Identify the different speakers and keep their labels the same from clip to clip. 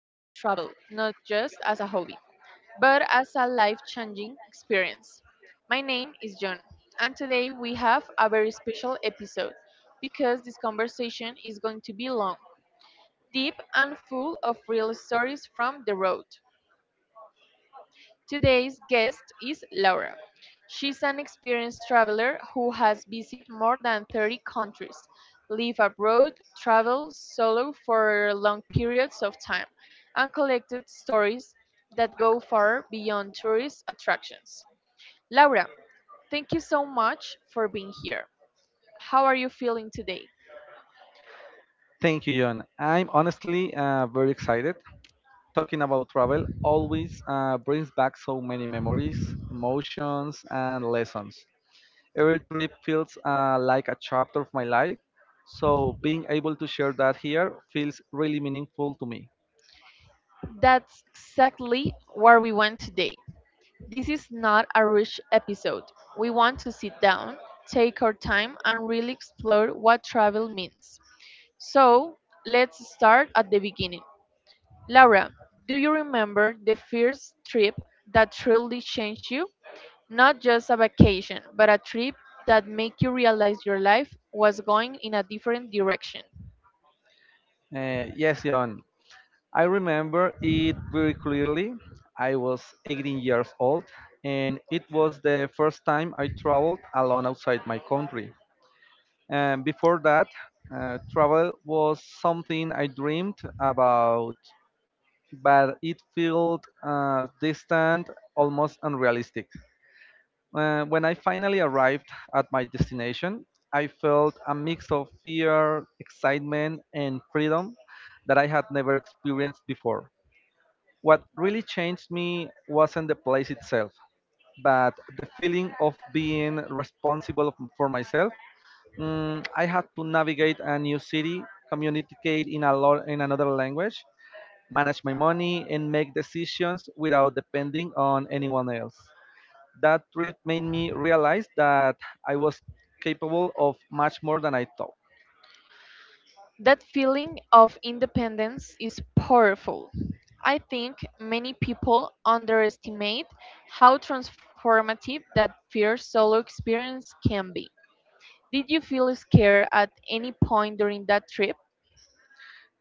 Speaker 1: not just as a hobby, but as a life changing experience. My name is John, and today we have a very special episode because this conversation is going to be long, deep, and full of real stories from the road. Today's guest is Laura. She's an experienced traveler who has visited more than 30 countries, lived abroad, traveled solo for long periods of time, and collected stories that go far beyond tourist attractions. Laura, thank you so much for being here. How are you feeling today?
Speaker 2: Thank you, John. I'm honestly very excited. Talking about travel always brings back so many memories, emotions, and lessons. Every trip feels like a chapter of my life, so being able to share that here feels really meaningful to me.
Speaker 1: That's exactly where we went today. This is not a rush episode. We want to sit down, take our time, and really explore what travel means. So, let's start at the beginning. Laura, do you remember the first trip that truly changed you? Not just a vacation, but a trip that made you realize your life was going in a different direction.
Speaker 2: Yes, John, I remember it very clearly. I was 18 years old, and it was the first time I traveled alone outside my country. And before that, travel was something I dreamed about, but it felt distant, almost unrealistic. When I finally arrived at my destination, I felt a mix of fear, excitement, and freedom that I had never experienced before. What really changed me wasn't the place itself, but the feeling of being responsible for myself. I had to navigate a new city, communicate in in another language, manage my money, and make decisions without depending on anyone else. That trip made me realize that I was capable of much more than I thought.
Speaker 1: That feeling of independence is powerful. I think many people underestimate how transformative that first solo experience can be. Did you feel scared at any point during that trip?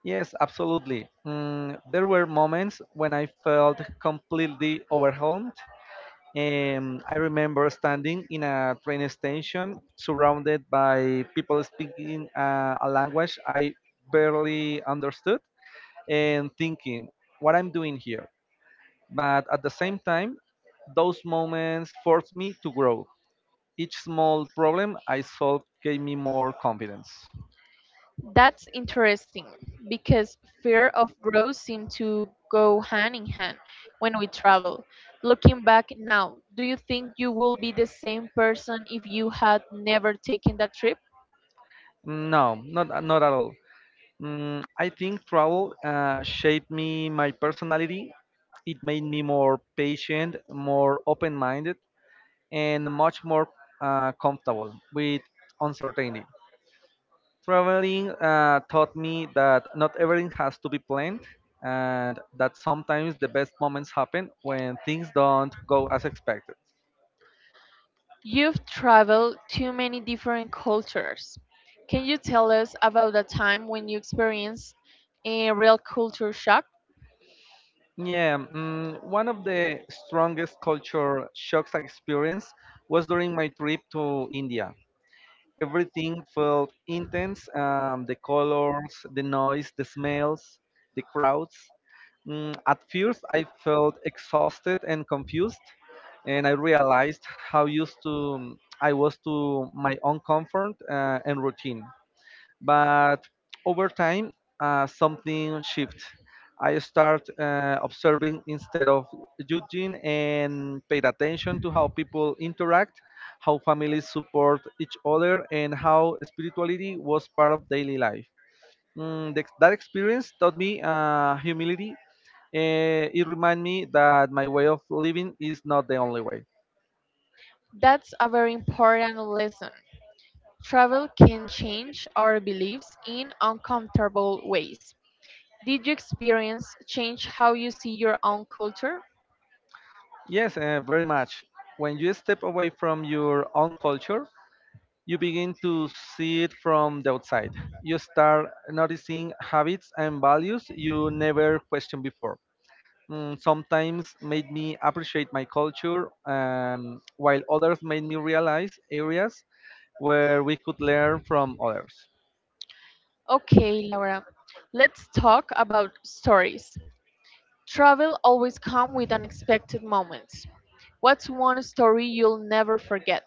Speaker 2: Yes, absolutely. There were moments when I felt completely overwhelmed. I remember standing in a train station surrounded by people speaking a language I barely understood and thinking what I'm doing here. But at the same time, those moments forced me to grow. Each small problem I solved gave me more confidence.
Speaker 1: That's interesting because fear of growth seems to go hand in hand when we travel. Looking back now, do you think you will be the same person if you had never taken that trip?
Speaker 2: No, not at all. I think travel shaped me, my personality. It made me more patient, more open minded, and much more comfortable with uncertainty. Traveling taught me that not everything has to be planned and that sometimes the best moments happen when things don't go as expected.
Speaker 1: You've traveled to many different cultures. Can you tell us about a time when you experienced a real culture shock?
Speaker 2: Yeah, one of the strongest culture shocks I experienced was during my trip to India. Everything felt intense. The colors, the noise, the smells, the crowds. At first, I felt exhausted and confused, and I realized how used to mm, I was to my own comfort and routine. But over time, something shifted. I start observing instead of judging and paid attention to how people interact, how families support each other, and how spirituality was part of daily life. That experience taught me humility. It reminded me that my way of living is not the only way.
Speaker 1: That's a very important lesson. Travel can change our beliefs in uncomfortable ways. Did you experience change how you see your own culture?
Speaker 2: Yes, very much. When you step away from your own culture, you begin to see it from the outside. You start noticing habits and values you never questioned before. Sometimes made me appreciate my culture, and while others made me realize areas where we could learn from others.
Speaker 1: Okay, Laura, let's talk about stories. Travel always comes with unexpected moments. What's one story you'll never forget?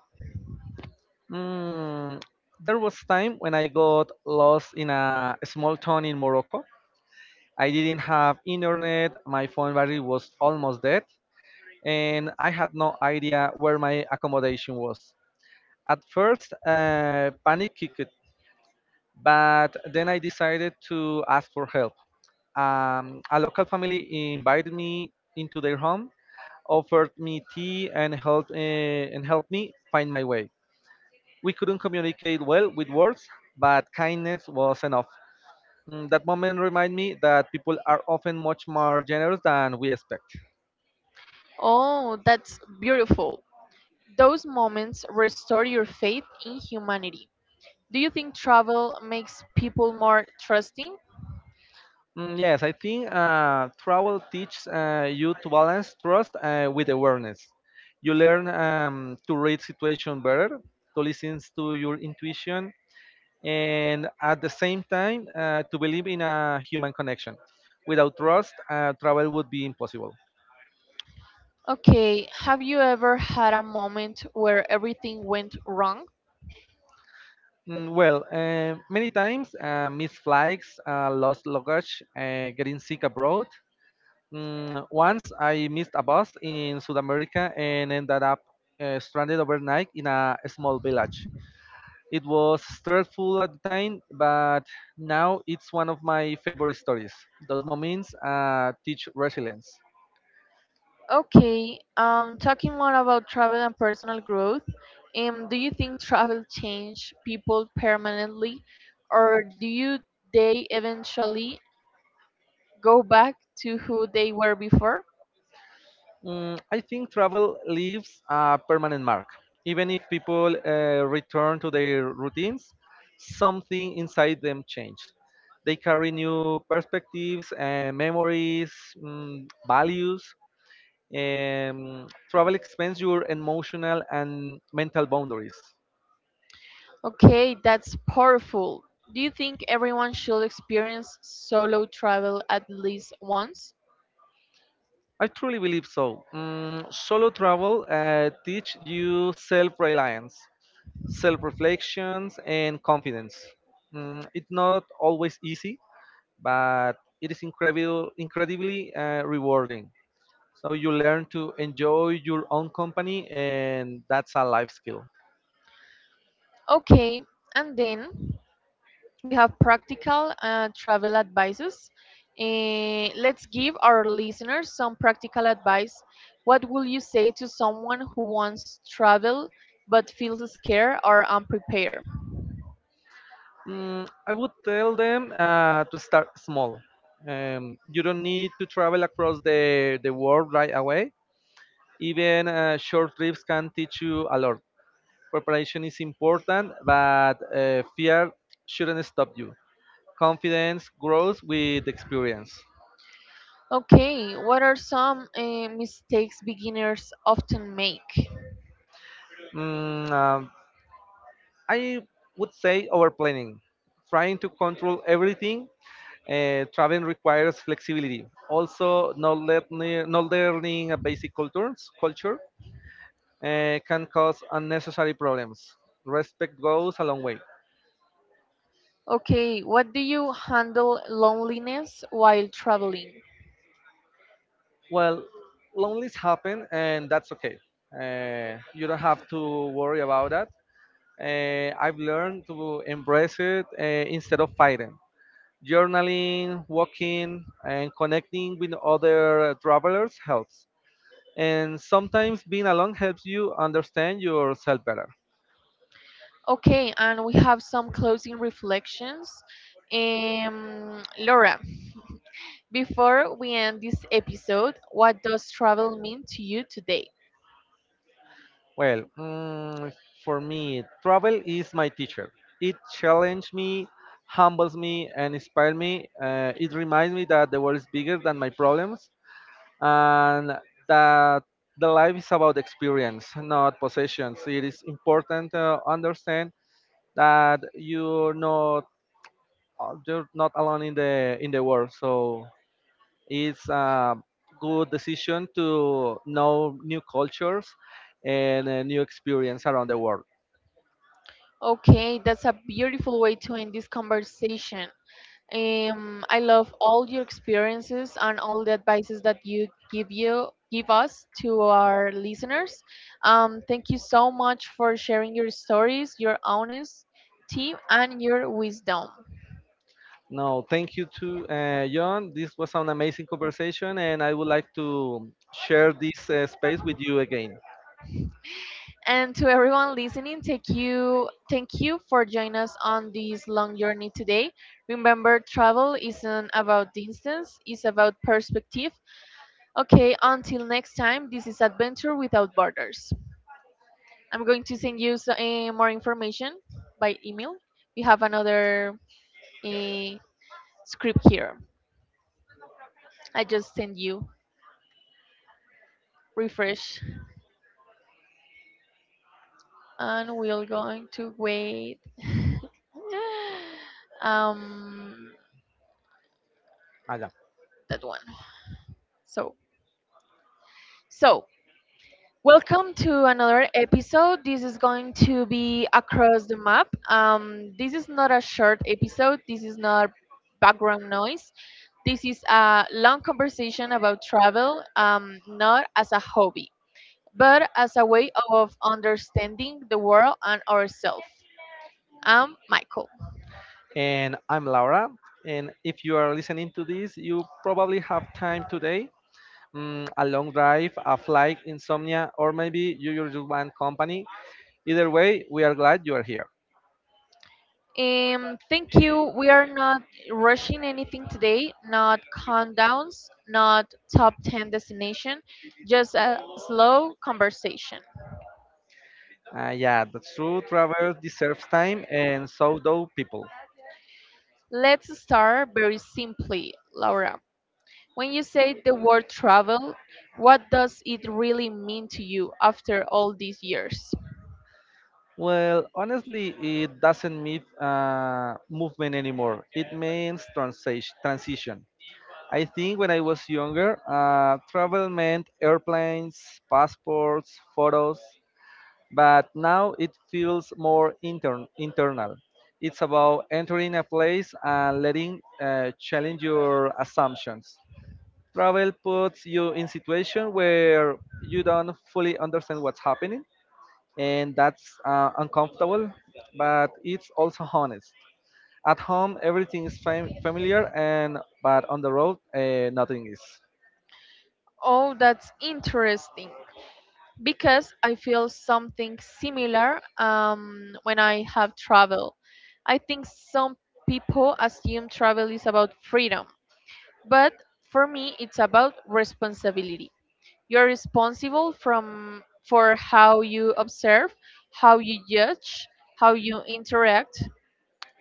Speaker 2: Mm, there was time when I got lost in a small town in Morocco. I didn't have internet, my phone battery was almost dead, and I had no idea where my accommodation was. At first, panic kicked, but then I decided to ask for help. A local family invited me into their home, offered me tea, and helped me find my way. We couldn't communicate well with words, but kindness was enough. That moment reminded me that people are often much more generous than we expect.
Speaker 1: Oh, that's beautiful. Those moments restore your faith in humanity. Do you think travel makes people more trusting?
Speaker 2: Yes, I think travel teaches you to balance trust with awareness. You learn to read situation better, to listen to your intuition, and at the same time to believe in a human connection. Without trust, travel would be impossible.
Speaker 1: Okay, have you ever had a moment where everything went wrong?
Speaker 2: Mm, well, many times. Missed flights, lost luggage, getting sick abroad. Once I missed a bus in South America and ended up stranded overnight in a small village. It was stressful at the time, but now it's one of my favorite stories. Those moments teach resilience.
Speaker 1: Okay, talking more about travel and personal growth, do you think travel change people permanently, or do you they eventually go back to who they were before?
Speaker 2: I think travel leaves a permanent mark. Even if people return to their routines, something inside them changes. They carry new perspectives and memories, values. Travel expands your emotional and mental boundaries.
Speaker 1: Okay, that's powerful. Do you think everyone should experience solo travel at least once?
Speaker 2: I truly believe so. Solo travel teach you self-reliance, self-reflections, and confidence. It's not always easy, but it is incredibly rewarding. So you learn to enjoy your own company, and that's a life skill.
Speaker 1: Okay, and then we have practical travel advices. Let's give our listeners some practical advice. What will you say to someone who wants travel but feels scared or unprepared?
Speaker 2: I would tell them to start small. You don't need to travel across the world right away. Even short trips can teach you a lot. Preparation is important, but fear shouldn't stop you. Confidence grows with experience.
Speaker 1: Okay, what are some mistakes beginners often make?
Speaker 2: Mm, uh, I would say overplanning, trying to control everything. Traveling requires flexibility. Also, not learning a culture can cause unnecessary problems. Respect goes a long way.
Speaker 1: Okay, what do you handle loneliness while traveling?
Speaker 2: Well, lonelies happen, and that's okay. You don't have to worry about that. I've learned to embrace it instead of fighting. Journaling, walking, and connecting with other travelers helps. And sometimes being alone helps you understand yourself better.
Speaker 1: Okay, and we have some closing reflections. Laura, before we end this episode, what does travel mean to you today?
Speaker 2: Well, for me, travel is my teacher. It challenged me, humbles me, and inspires me. It reminds me that the world is bigger than my problems and that the life is about experience, not possessions. It is important to understand that you're not alone in the world. So it's a good decision to know new cultures and a new experience around the world.
Speaker 1: Okay, that's a beautiful way to end this conversation. I love all your experiences and all the advices that you give us to our listeners. Thank you so much for sharing your stories, your honesty, and your wisdom.
Speaker 2: No, thank you to John. This was an amazing conversation, and I would like to share this space with you again.
Speaker 1: And to everyone listening, thank you for joining us on this long journey today. Remember, travel isn't about distance; it's about perspective. Okay, until next time, this is Adventure Without Borders. I'm going to send you more information by email. We have another eh, script here. I just send you refresh, and we're going to wait. Um,
Speaker 2: Aga.
Speaker 1: that one. So, so welcome to another episode. This is going to be across the map. This is not a short episode. This is not background noise. This is a long conversation about travel, not as a hobby, but as a way of understanding the world and ourselves. I'm Michael.
Speaker 2: And I'm Laura. And if you are listening to this, you probably have time today. A long drive, a flight, insomnia, or maybe you just want company. Either way, we are glad you are here.
Speaker 1: Thank you. We are not rushing anything today, not countdowns, not top 10 destination, just a slow conversation.
Speaker 2: Yeah, that's true. Travel deserves time, and so do people.
Speaker 1: Let's start very simply, Laura. When you say the word travel, what does it really mean to you after all these years?
Speaker 2: Well, honestly, it doesn't mean movement anymore. It means transition. Transition. I think when I was younger, travel meant airplanes, passports, photos. But now it feels more internal. It's about entering a place and letting challenge your assumptions. Travel puts you in situation where you don't fully understand what's happening, and that's uncomfortable, but it's also honest. At home, everything is familiar, and but on the road, nothing is.
Speaker 1: Oh, that's interesting because I feel something similar when I have travel. I think some people assume travel is about freedom, but for me, it's about responsibility. You're responsible from for how you observe, how you judge, how you interact,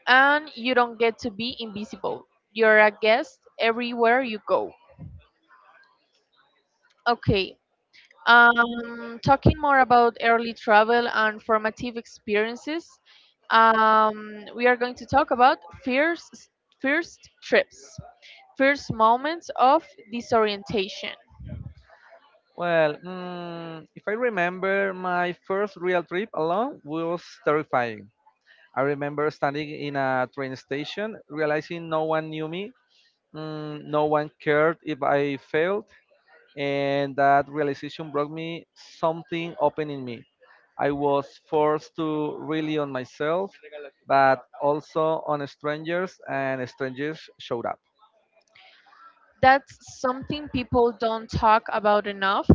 Speaker 1: and you don't get to be invisible. You're a guest everywhere you go. Okay, talking more about early travel and formative experiences, we are going to talk about first, first trips, first moments of disorientation.
Speaker 2: Well, if I remember, my first real trip alone was terrifying. I remember standing in a train station, realizing no one knew me, no one cared if I failed, and that realization brought me something open in me. I was forced to rely on myself, but also on strangers, and strangers showed up.
Speaker 1: That's something people don't talk about enough.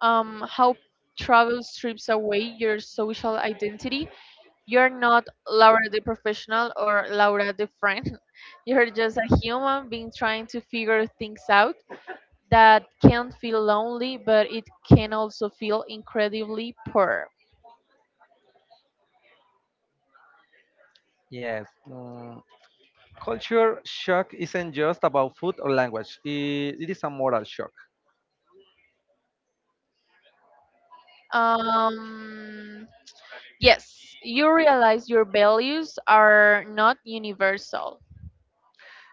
Speaker 1: How travel strips away your social identity. You're not Laura the professional or Laura the friend. You're just a human being trying to figure things out that can feel lonely, but it can also feel incredibly poor.
Speaker 2: Yes. Culture shock isn't just about food or language, it is a moral shock.
Speaker 1: Um, yes, you realize your values are not universal.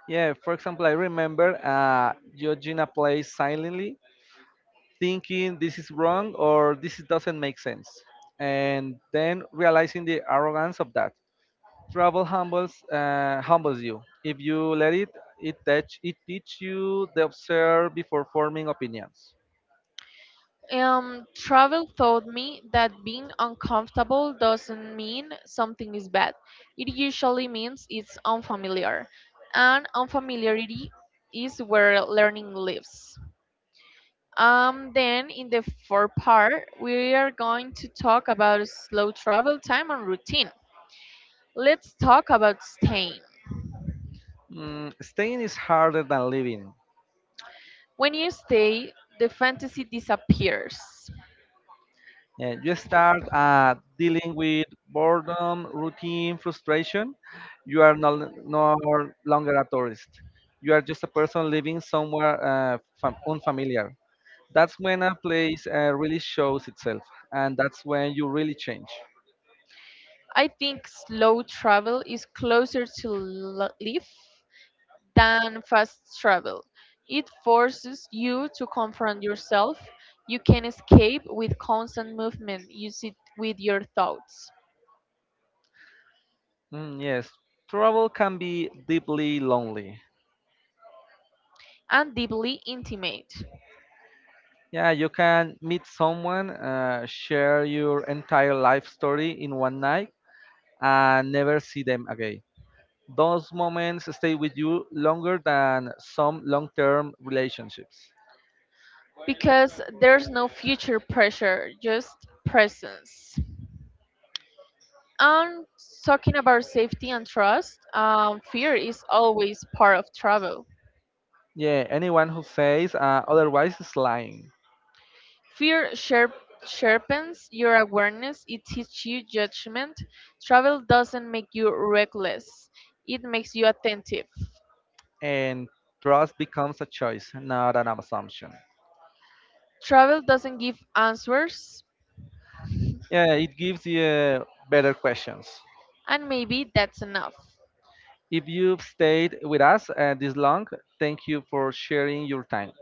Speaker 2: Yeah, for example, I remember Georgina plays silently thinking this is wrong or this doesn't make sense, and then realizing the arrogance of that. Travel humbles you. If you let it, it teach you the observe before forming opinions.
Speaker 1: Travel taught me that being uncomfortable doesn't mean something is bad. It usually means it's unfamiliar, and unfamiliarity is where learning lives. Then in the fourth part, we are going to talk about slow travel time and routine. Let's talk about staying.
Speaker 2: Staying is harder than living.
Speaker 1: When you stay, the fantasy disappears.
Speaker 2: And you start dealing with boredom, routine, frustration. You are no longer a tourist. You are just a person living somewhere unfamiliar. That's when a place really shows itself, and that's when you really change.
Speaker 1: I think slow travel is closer to life than fast travel. It forces you to confront yourself. You can escape with constant movement. You sit with your thoughts.
Speaker 2: Yes, travel can be deeply lonely.
Speaker 1: And deeply intimate.
Speaker 2: Yeah, you can meet someone, share your entire life story in one night, and never see them again. Those moments stay with you longer than some long term relationships.
Speaker 1: Because there's no future pressure, just presence. And talking about safety and trust, fear is always part of travel.
Speaker 2: Yeah, anyone who says otherwise is lying.
Speaker 1: Fear sharpens your awareness, it teaches you judgment. Travel doesn't make you reckless, it makes you attentive.
Speaker 2: And trust becomes a choice, not an assumption.
Speaker 1: Travel doesn't give answers,
Speaker 2: Yeah, it gives you better questions.
Speaker 1: and maybe that's enough.
Speaker 2: If you've stayed with us this long, thank you for sharing your time.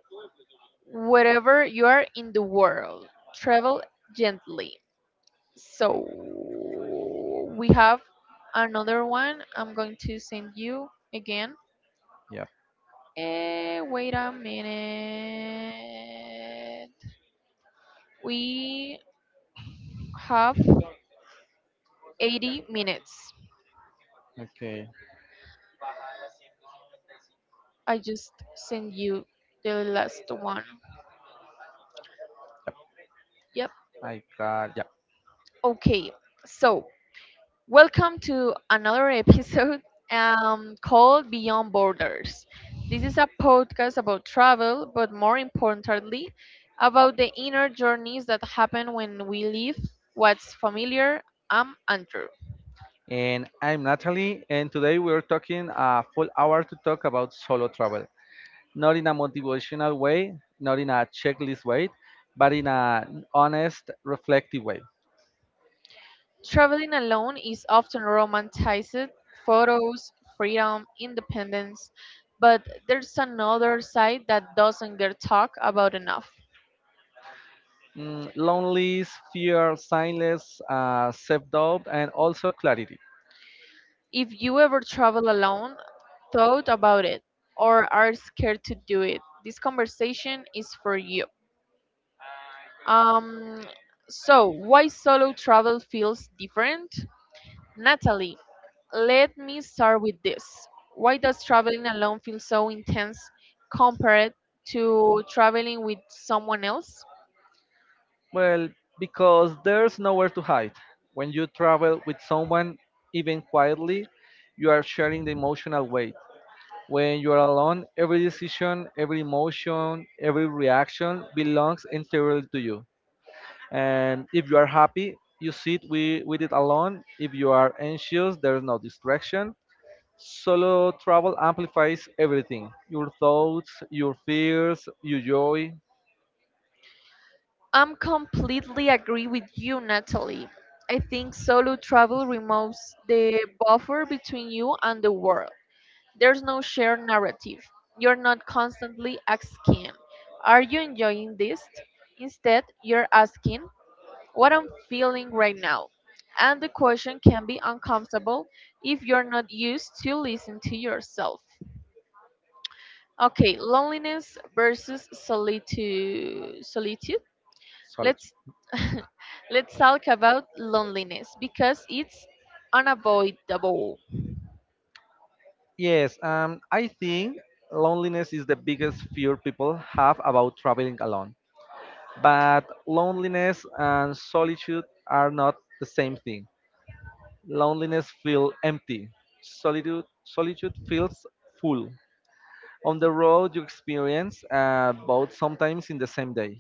Speaker 1: Wherever you are in the world, travel gently. So, we have another one. I'm going to send you again.
Speaker 2: Yep.
Speaker 1: Wait a minute. We have 80 minutes.
Speaker 2: Okay.
Speaker 1: I just sent you the last one. Yep.
Speaker 2: I got yeah.
Speaker 1: Okay. So, welcome to another episode called Beyond Borders. This is a podcast about travel, but more importantly, about the inner journeys that happen when we leave what's familiar. I'm Andrew.
Speaker 2: And I'm Natalie, and today we're talking a full hour to talk about solo travel. Not in a motivational way, not in a checklist way, but in an honest, reflective way.
Speaker 1: Traveling alone is often romanticized photos, freedom, independence, but there's another side that doesn't get talked about enough.
Speaker 2: Loneliness, fear, silence, self doubt, and also clarity.
Speaker 1: If you ever travel alone, thought about it, or are scared to do it, this conversation is for you. Um, so, why solo travel feels different? Natalie, let me start with this. Why does traveling alone feel so intense compared to traveling with someone else?
Speaker 2: Well, because there's nowhere to hide. When you travel with someone, even quietly, you are sharing the emotional weight. When you are alone, every decision, every emotion, every reaction belongs entirely to you. And if you are happy, you sit with it alone. If you are anxious, there is no distraction. Solo travel amplifies everything, your thoughts, your fears, your joy.
Speaker 1: I'm completely agree with you, Natalie. I think solo travel removes the buffer between you and the world. There's no shared narrative. You're not constantly asking, are you enjoying this? Instead, you're asking, what I'm feeling right now. And the question can be uncomfortable if you're not used to listen to yourself. Okay, loneliness versus solitude. Solitude.
Speaker 2: Solid.
Speaker 1: Let's let's talk about loneliness because it's unavoidable.
Speaker 2: Yes, I think loneliness is the biggest fear people have about traveling alone, but loneliness and solitude are not the same thing. Loneliness feels empty. Solitude feels full. On the road, you experience both, sometimes in the same day.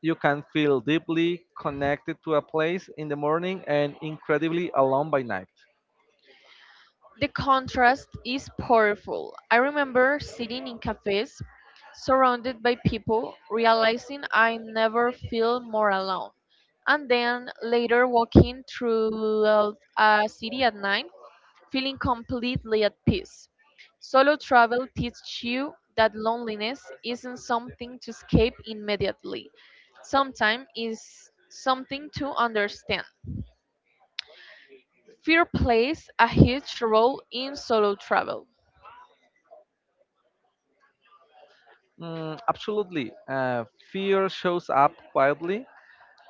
Speaker 2: You can feel deeply connected to a place in the morning and incredibly alone by night.
Speaker 1: The contrast is powerful. I remember sitting in cafes surrounded by people, realizing I never feel more alone. And then later walking through a city at night, feeling completely at peace. Solo travel teaches you that loneliness isn't something to escape immediately. Sometimes it's something to understand. Fear plays a huge role in solo travel.
Speaker 2: Absolutely. Fear shows up quietly.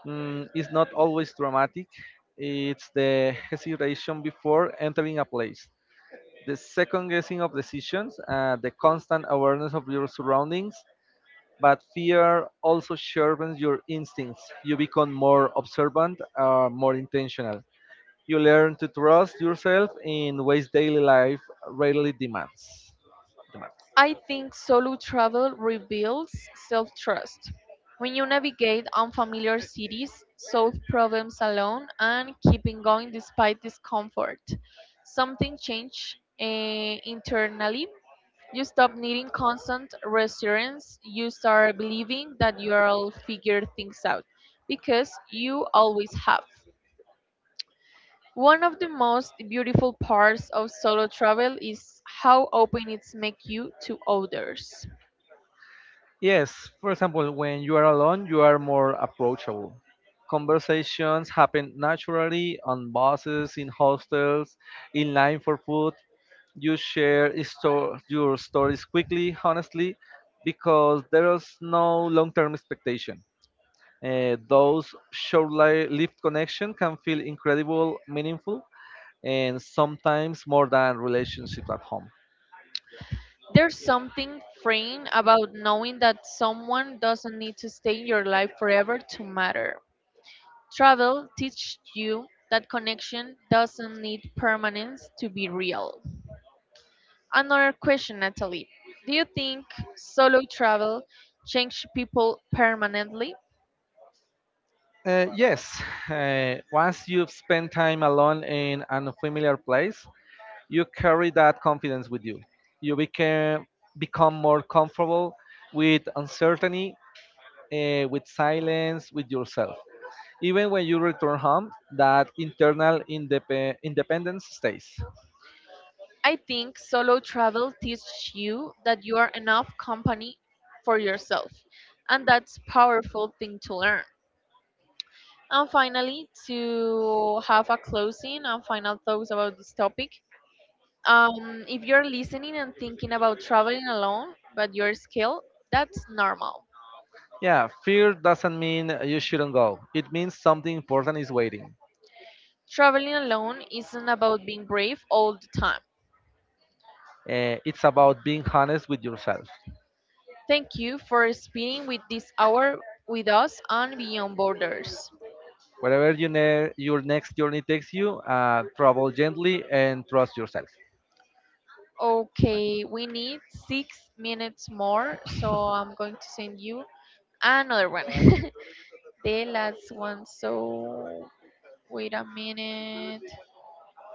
Speaker 2: It's not always dramatic, it's the hesitation before entering a place. The second guessing of decisions, the constant awareness of your surroundings. But fear also sharpens your instincts. You become more observant, more intentional. You learn to trust yourself in ways daily life rarely demands.
Speaker 1: I think solo travel rebuilds self trust. When you navigate unfamiliar cities, solve problems alone, and keeping going despite discomfort, something changes internally. You stop needing constant reassurance. You start believing that you'll figure things out because you always have. One of the most beautiful parts of solo travel is how open it's make you to others.
Speaker 2: Yes, for example, when you are alone, you are more approachable. Conversations happen naturally on buses, in hostels, in line for food. You share your stories quickly, honestly, because there is no long term expectation. Those short-lived connection can feel incredible, meaningful, and sometimes more than relationship at home.
Speaker 1: There's something freeing about knowing that someone doesn't need to stay in your life forever to matter. Travel teaches you that connection doesn't need permanence to be real. Another question, Natalie. Do you think solo travel changes people permanently?
Speaker 2: Yes, once you've spent time alone in an unfamiliar place, you carry that confidence with you. You become more comfortable with uncertainty, with silence, with yourself. Even when you return home, that internal independence stays.
Speaker 1: I think solo travel teaches you that you are enough company for yourself, and that's powerful thing to learn. And finally, to have a closing and final thoughts about this topic, if you're listening and thinking about traveling alone, but you're scared, that's normal.
Speaker 2: Yeah, fear doesn't mean you shouldn't go. It means something important is waiting.
Speaker 1: Traveling alone isn't about being brave all the time.
Speaker 2: It's about being honest with yourself.
Speaker 1: Thank you for spending with this hour with us on Beyond Borders.
Speaker 2: Wherever your next journey takes you, travel gently and trust yourself.
Speaker 1: Okay, we need 6 minutes more, so I'm going to send you another one. The last one, so wait a minute.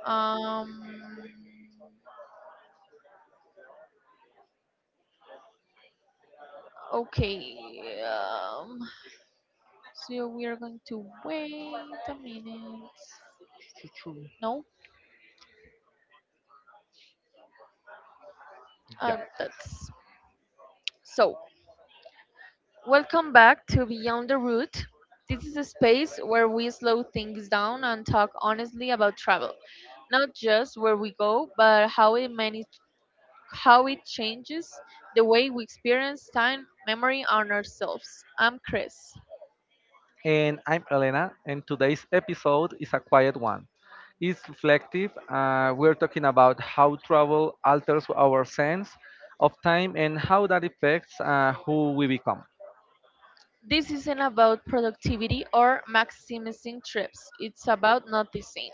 Speaker 1: Um, okay. So we are going to wait a minute. No,
Speaker 2: Yeah.
Speaker 1: that's so. Welcome back to Beyond the Route. This is a space where we slow things down and talk honestly about travel, not just where we go, but how it manage, how it changes the way we experience time, memory, and ourselves. I'm Chris.
Speaker 2: And I'm Elena, and today's episode is a quiet one. It's reflective. We're talking about how travel alters our sense of time and how that affects who we become.
Speaker 1: This isn't about productivity or maximizing trips, it's about noticing.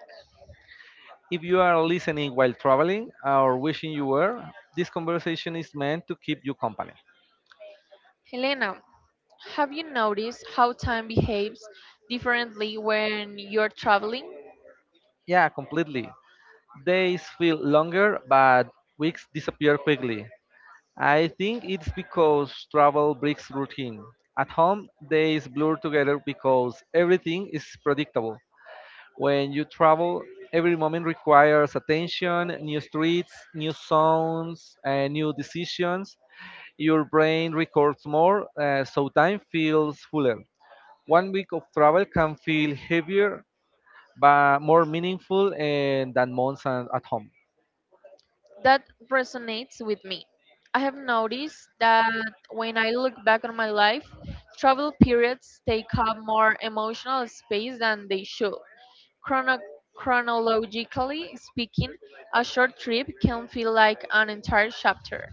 Speaker 2: If you are listening while traveling or wishing you were, this conversation is meant to keep you company.
Speaker 1: Helena, have you noticed how time behaves differently when you're traveling?
Speaker 2: Yeah, completely. Days feel longer, but weeks disappear quickly. I think it's because travel breaks routine. At home, days blur together because everything is predictable. When you travel, every moment requires attention, new streets, new sounds, and new decisions. Your brain records more, so time feels fuller. One week of travel can feel heavier, but more meaningful and than months and at home.
Speaker 1: That resonates with me. I have noticed that when I look back on my life, travel periods take up more emotional space than they should. Chrono- chronologically speaking, a short trip can feel like an entire chapter.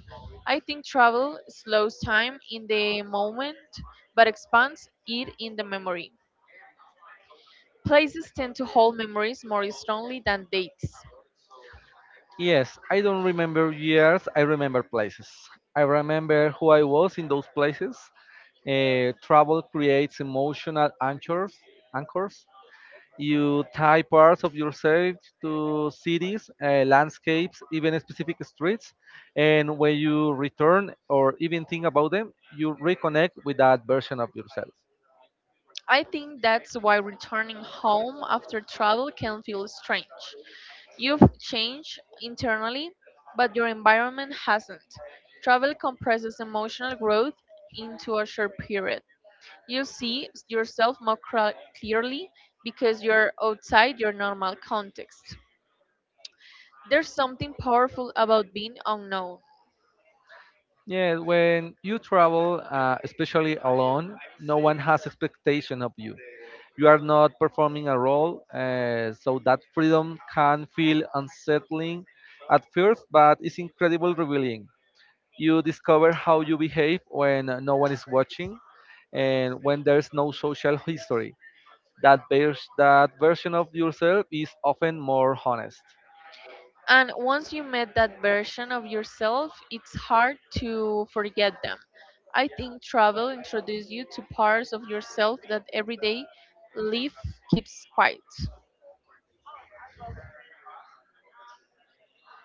Speaker 1: I think travel slows time in the moment but expands it in the memory. Places tend to hold memories more strongly than dates.
Speaker 2: Yes, I don't remember years, I remember places. I remember who I was in those places. Travel creates emotional anchors. You tie parts of yourself to cities, landscapes, even specific streets. And when you return or even think about them, you reconnect with that version of yourself.
Speaker 1: I think that's why returning home after travel can feel strange. You've changed internally, but your environment hasn't. Travel compresses emotional growth into a short period. You see yourself more clearly because you're outside your normal context. There's something powerful about being unknown.
Speaker 2: Yeah, when you travel, especially alone, no one has expectation of you. You are not performing a role, so that freedom can feel unsettling at first, but it's incredibly revealing. You discover how you behave when no one is watching and when there's no social history. That version of yourself is often more honest.
Speaker 1: And once you met that version of yourself, it's hard to forget them. I think travel introduces you to parts of yourself that everyday life keeps quiet.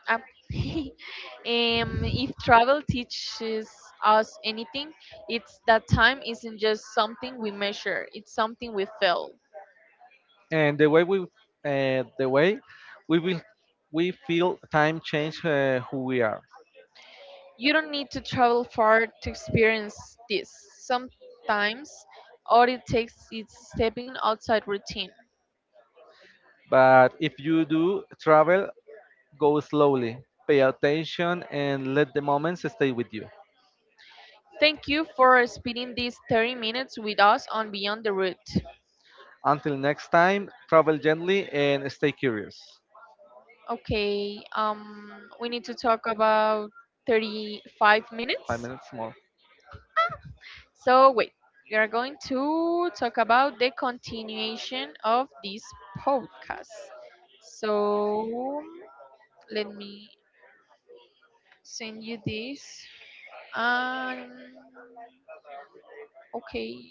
Speaker 1: um, if travel teaches us anything, it's that time isn't just something we measure, it's something we feel.
Speaker 2: And the way we will we feel time change who we are.
Speaker 1: You don't need to travel far to experience this. Sometimes all it takes is stepping outside routine.
Speaker 2: But if you do travel, go slowly, pay attention, and let the moments stay with you.
Speaker 1: Thank you for spending these 30 minutes with us on Beyond the Route.
Speaker 2: Until next time, travel gently and stay curious.
Speaker 1: Okay, we need to talk about 35
Speaker 2: Five
Speaker 1: minutes.
Speaker 2: minutes more,
Speaker 1: So wait, we are going to talk about the continuation of this podcast. So let me send you this. Um, okay.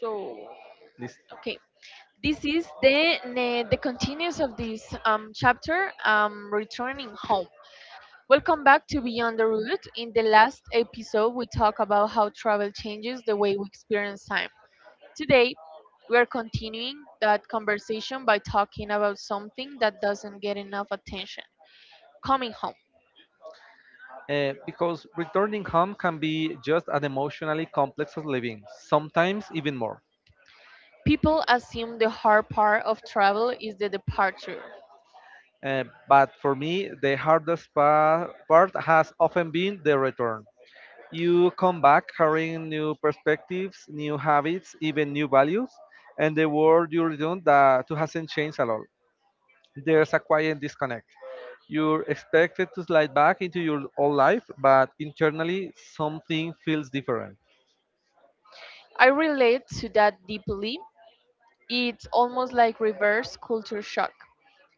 Speaker 1: So
Speaker 2: please.
Speaker 1: okay, this is the the continuous of this chapter. Returning home. Welcome back to Beyond the Route. In the last episode, we talked about how travel changes the way we experience time. Today, we are continuing that conversation by talking about something that doesn't get enough attention coming home.
Speaker 2: Because returning home can be just as emotionally complex as living, sometimes even more.
Speaker 1: People assume the hard part of travel is the departure.
Speaker 2: But for me, the hardest part has often been the return. You come back carrying new perspectives, new habits, even new values, and the world you return that to hasn't changed at all. There's a quiet disconnect. You're expected to slide back into your old life, but internally something feels different.
Speaker 1: I relate to that deeply. It's almost like reverse culture shock.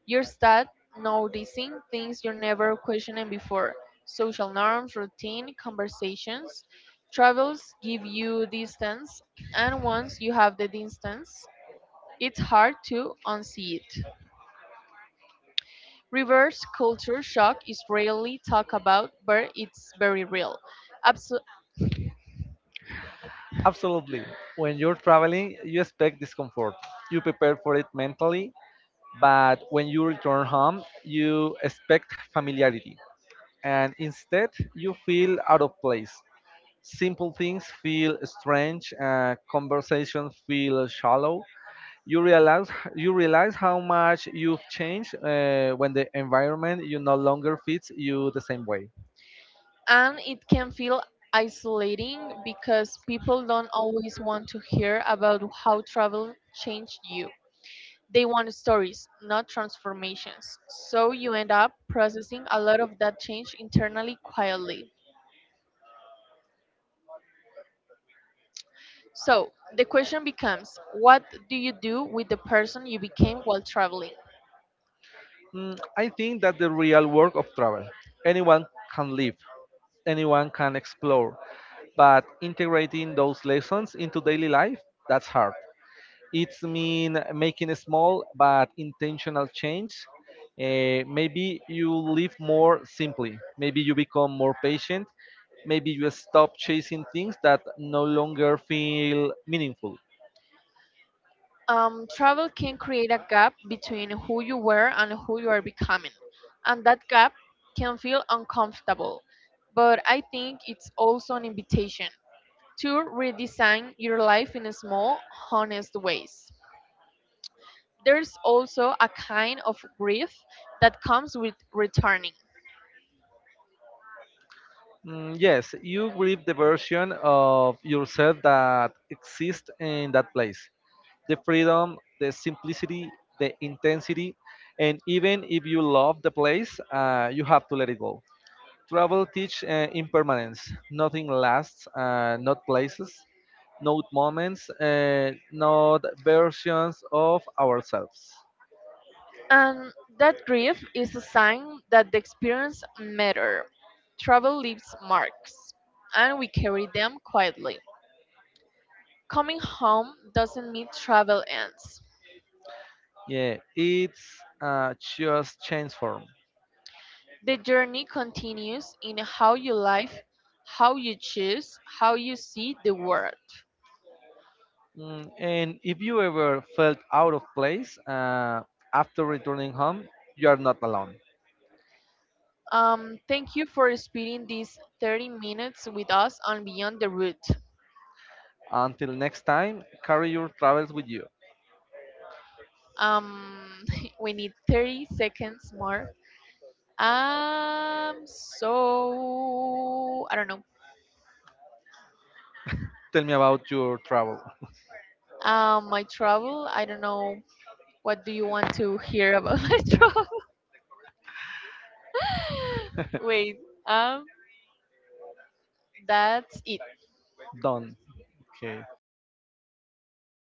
Speaker 1: You start noticing things you never questioned before social norms, routine, conversations. Travels give you distance, and once you have the distance, it's hard to unsee it. Reverse culture shock is rarely talked about, but it's very real. Abso-
Speaker 2: Absolutely. When you're traveling, you expect discomfort. You prepare for it mentally, but when you return home, you expect familiarity. And instead, you feel out of place. Simple things feel strange, conversations feel shallow. You realize you realize how much you've changed when the environment you no longer fits you the same way.
Speaker 1: and it can feel isolating because people don't always want to hear about how travel changed you. They want stories, not transformations. So you end up processing a lot of that change internally quietly. So the question becomes what do you do with the person you became while traveling?
Speaker 2: Mm, I think that the real work of travel. Anyone can live, anyone can explore, but integrating those lessons into daily life, that's hard. It's mean making a small but intentional change. Maybe you live more simply. Maybe you become more patient. Maybe you stop chasing things that no longer feel meaningful.
Speaker 1: Travel can create a gap between who you were and who you are becoming, and that gap can feel uncomfortable. But I think it's also an invitation to redesign your life in small, honest ways. There's also a kind of grief that comes with returning,
Speaker 2: Mm, yes, you grieve the version of yourself that exists in that place. The freedom, the simplicity, the intensity, and even if you love the place, you have to let it go. Travel teach impermanence. Nothing lasts, not places, not moments, not versions of ourselves.
Speaker 1: and that grief is a sign that the experience mattered. Travel leaves marks, and we carry them quietly. Coming home doesn't mean travel ends.
Speaker 2: Yeah, it's just change form.
Speaker 1: The journey continues in how you live, how you choose, how you see the world.
Speaker 2: Mm, and if you ever felt out of place after returning home, you are not alone.
Speaker 1: Thank you for spending these 30 minutes with us on Beyond the Route.
Speaker 2: Until next time, carry your travels with you.
Speaker 1: Um, we need 30 seconds more. Um, so I don't know.
Speaker 2: Tell me about your travel.
Speaker 1: My travel. I don't know. What do you want to hear about my travel? Wait. Um. That's it.
Speaker 2: Done. Okay.